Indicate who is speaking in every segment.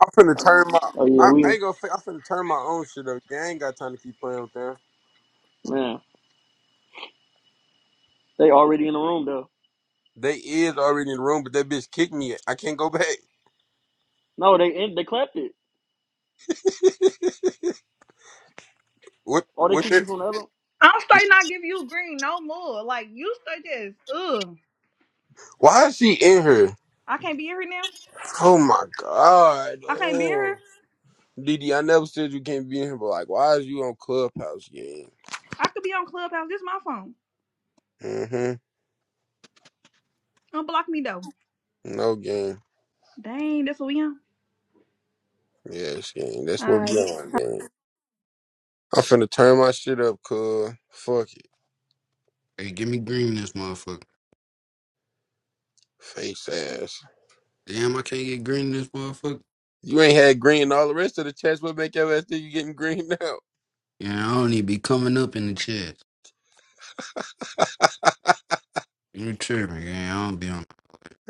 Speaker 1: I'm finna turn my.
Speaker 2: Oh yeah,
Speaker 1: I, I
Speaker 2: we
Speaker 1: ain't gonna. fa- I'm finna turn my own shit up. Yeah, I ain't got time to keep playing with them.
Speaker 2: man. They already in the room though.
Speaker 1: They is already in the room, but that bitch kicked me. I can't go back.
Speaker 2: No, they in, they clapped it.
Speaker 1: What?
Speaker 2: Or they
Speaker 1: What?
Speaker 2: kicked you
Speaker 1: the-
Speaker 2: from the other.
Speaker 3: I'm straight not give you green no more. Like you straight just ugh.
Speaker 1: Why is she in here?
Speaker 3: I can't be in here now.
Speaker 1: Oh my god.
Speaker 3: I can't be in here.
Speaker 1: Oh. DD, I never said you can't be in here, but like, why is you on Clubhouse game?
Speaker 3: I could be on Clubhouse. This my phone.
Speaker 1: Mm-hmm.
Speaker 3: Unblock me though.
Speaker 1: No game.
Speaker 3: Dang, that's what we on.
Speaker 1: Yes, game. That's
Speaker 3: All
Speaker 1: what we
Speaker 3: right.
Speaker 1: on game. I'm finna turn my shit up, cuz. Fuck it.
Speaker 4: Hey, give me green in this motherfucker.
Speaker 1: Face ass.
Speaker 4: Damn, I can't get green in this motherfucker.
Speaker 1: You ain't had green and all the rest of the chats. What make your ass think you getting green now?
Speaker 4: Yeah, I don't even be coming up in the chest. You tripping, gang. I don't be on.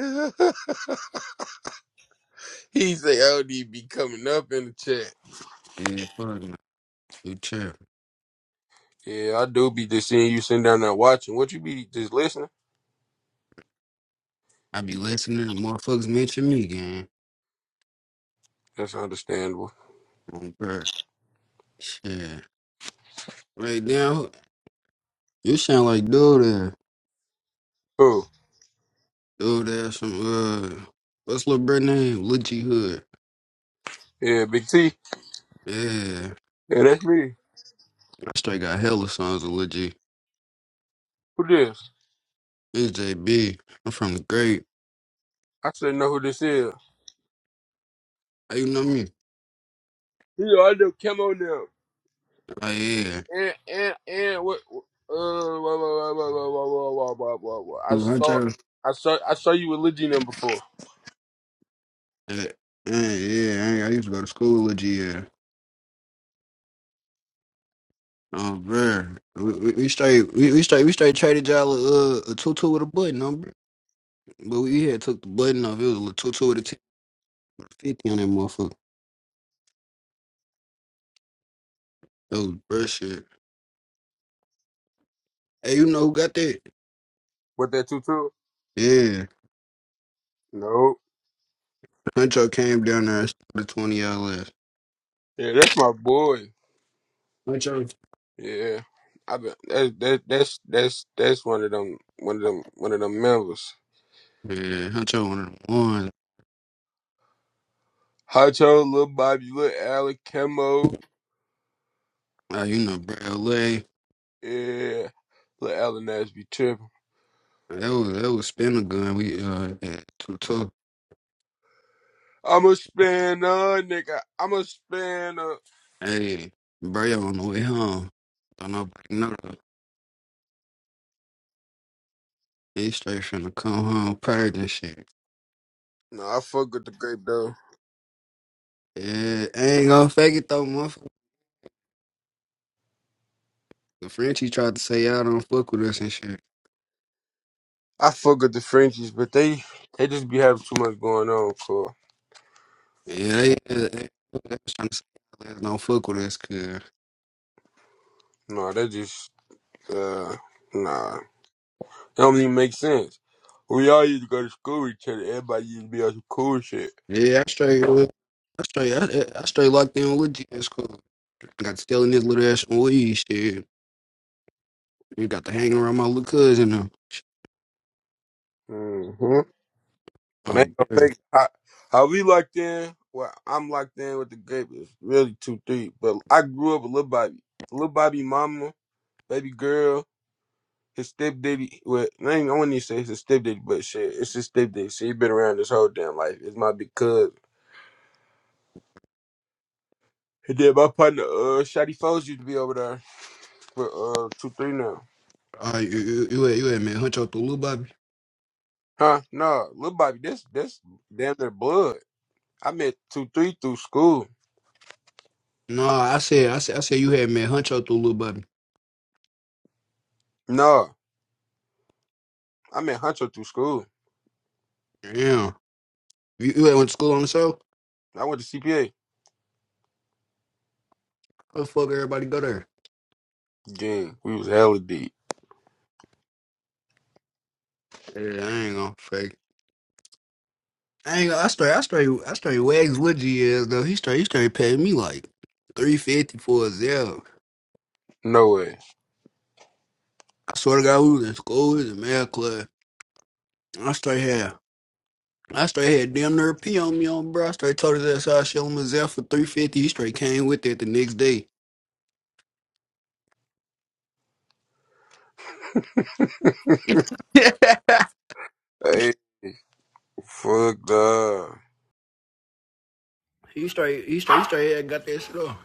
Speaker 1: he say LD be coming up in the chat.
Speaker 4: Yeah, fuck no. You tripping.
Speaker 1: Yeah, I do be just seeing you sitting down there watching. What you be just listening?
Speaker 4: I be listening to motherfuckers mention me, gang.
Speaker 1: That's understandable.
Speaker 4: On bird. Shit. Right now, you sound like dude there.
Speaker 1: Who?
Speaker 4: Dude there, some, uh, what's little bro name? Lil G Hood.
Speaker 1: Yeah, Big T.
Speaker 4: Yeah.
Speaker 1: Yeah, that's me.
Speaker 4: I straight got hella songs of Lil G.
Speaker 1: Who this?
Speaker 4: It's JB. I'm from the great.
Speaker 1: I should know who this is.
Speaker 4: How you know me?
Speaker 1: Yeah, I know Camo now.
Speaker 4: Oh, yeah.
Speaker 1: And and and what? what- Uh, whoa, whoa, whoa, whoa, whoa, whoa, whoa, whoa, whoa, whoa. I saw,
Speaker 4: Who,
Speaker 1: I saw, I saw you with Legina before.
Speaker 4: Yeah, yeah, I, I used to go to school with GL. Oh, bruh. We, we, we straight, we, we straight, we straight traded y'all a, uh, a tutu with a button on, bruh. But we had took the button off. It was a little tutu with a, t- with a 50 on that motherfucker. That was bruh shit. Hey, you know who got that?
Speaker 1: With that tutu?
Speaker 4: Yeah.
Speaker 1: No.
Speaker 4: Huncho came down there and started 20 y'all left.
Speaker 1: Yeah, that's my boy.
Speaker 4: Huncho?
Speaker 1: Yeah, I've been that, that that's that's that's one of them one of them one of them members.
Speaker 4: Yeah, Huncho one of the ones.
Speaker 1: Hacho, Lil Bobby, Lil Allen, Kemo,
Speaker 4: Uh, you know, bruh, LA.
Speaker 1: yeah, Lil Allen Nash be tripping.
Speaker 4: That was, that was spin a gun. We, uh, had tutu.
Speaker 1: I'm a spinner, nigga. I'm a spinner.
Speaker 4: Hey, bro, on the way home. Don't nobody know though. He straight finna come home purged and shit.
Speaker 1: No, I fuck with the grape though.
Speaker 4: Yeah, I ain't gonna fake it though, motherfucker. The Frenchie tried to say y'all don't fuck with us and shit.
Speaker 1: I fuck with the Frenchies, but they they just be having too much going on. For
Speaker 4: Yeah, they, they, they was trying to say y'all niggas don't fuck with us, cuz.
Speaker 1: no, they just uh nah, it don't even make sense. We all used to go to school with each other. Everybody used to be on some cool shit.
Speaker 4: Yeah, I straight, uh, I straight, I, I straight locked in with GS Cool. Got to stealing this little ass weed shit. You got to hanging around my little cousin now.
Speaker 1: Mhm. But I
Speaker 4: Um,
Speaker 1: ain't gonna
Speaker 4: yeah.
Speaker 1: fake how, how we locked in. Well, I'm locked in with the grape is really two three. But I grew up with Lil Bobby, Lil Bobby mama, baby girl, his stepdaddy. Well, I ain't I wouldn't even say it's his stepdaddy, but shit, it's his stepdaddy. So he been around this whole damn life. It's my big cousin. And then my partner, uh, Shotty Foes used to be over there for uh two three now.
Speaker 4: All right, you, you, you, had- you had man hunch out the little Bobby.
Speaker 1: Huh? No, Lil Bobby, that's that's damn their blood. I met two three through school.
Speaker 4: No, I said, I said, I said you had man Huncho through Lil Bubby.
Speaker 1: No, I met Hunter through school.
Speaker 4: Yeah, you, you had went to school on the show.
Speaker 1: I went to CPA.
Speaker 4: How the fuck everybody go there?
Speaker 1: Yeah, we was hella deep.
Speaker 4: Yeah, I ain't gonna fake. I ain't gonna. I straight, I straight, I straight wags Woodgy is though. He straight, he straight paid me like three fifty for his L.
Speaker 1: No way.
Speaker 4: I swear to God, we was in school, he was in math club. I straight had, I straight had damn near a P on me on bro. I straight told his ass I showed him his L for three fifty. He straight came with it the next day.
Speaker 1: Hey, fuck, dawg.
Speaker 4: he straight, he straight, he straight had got that shit off.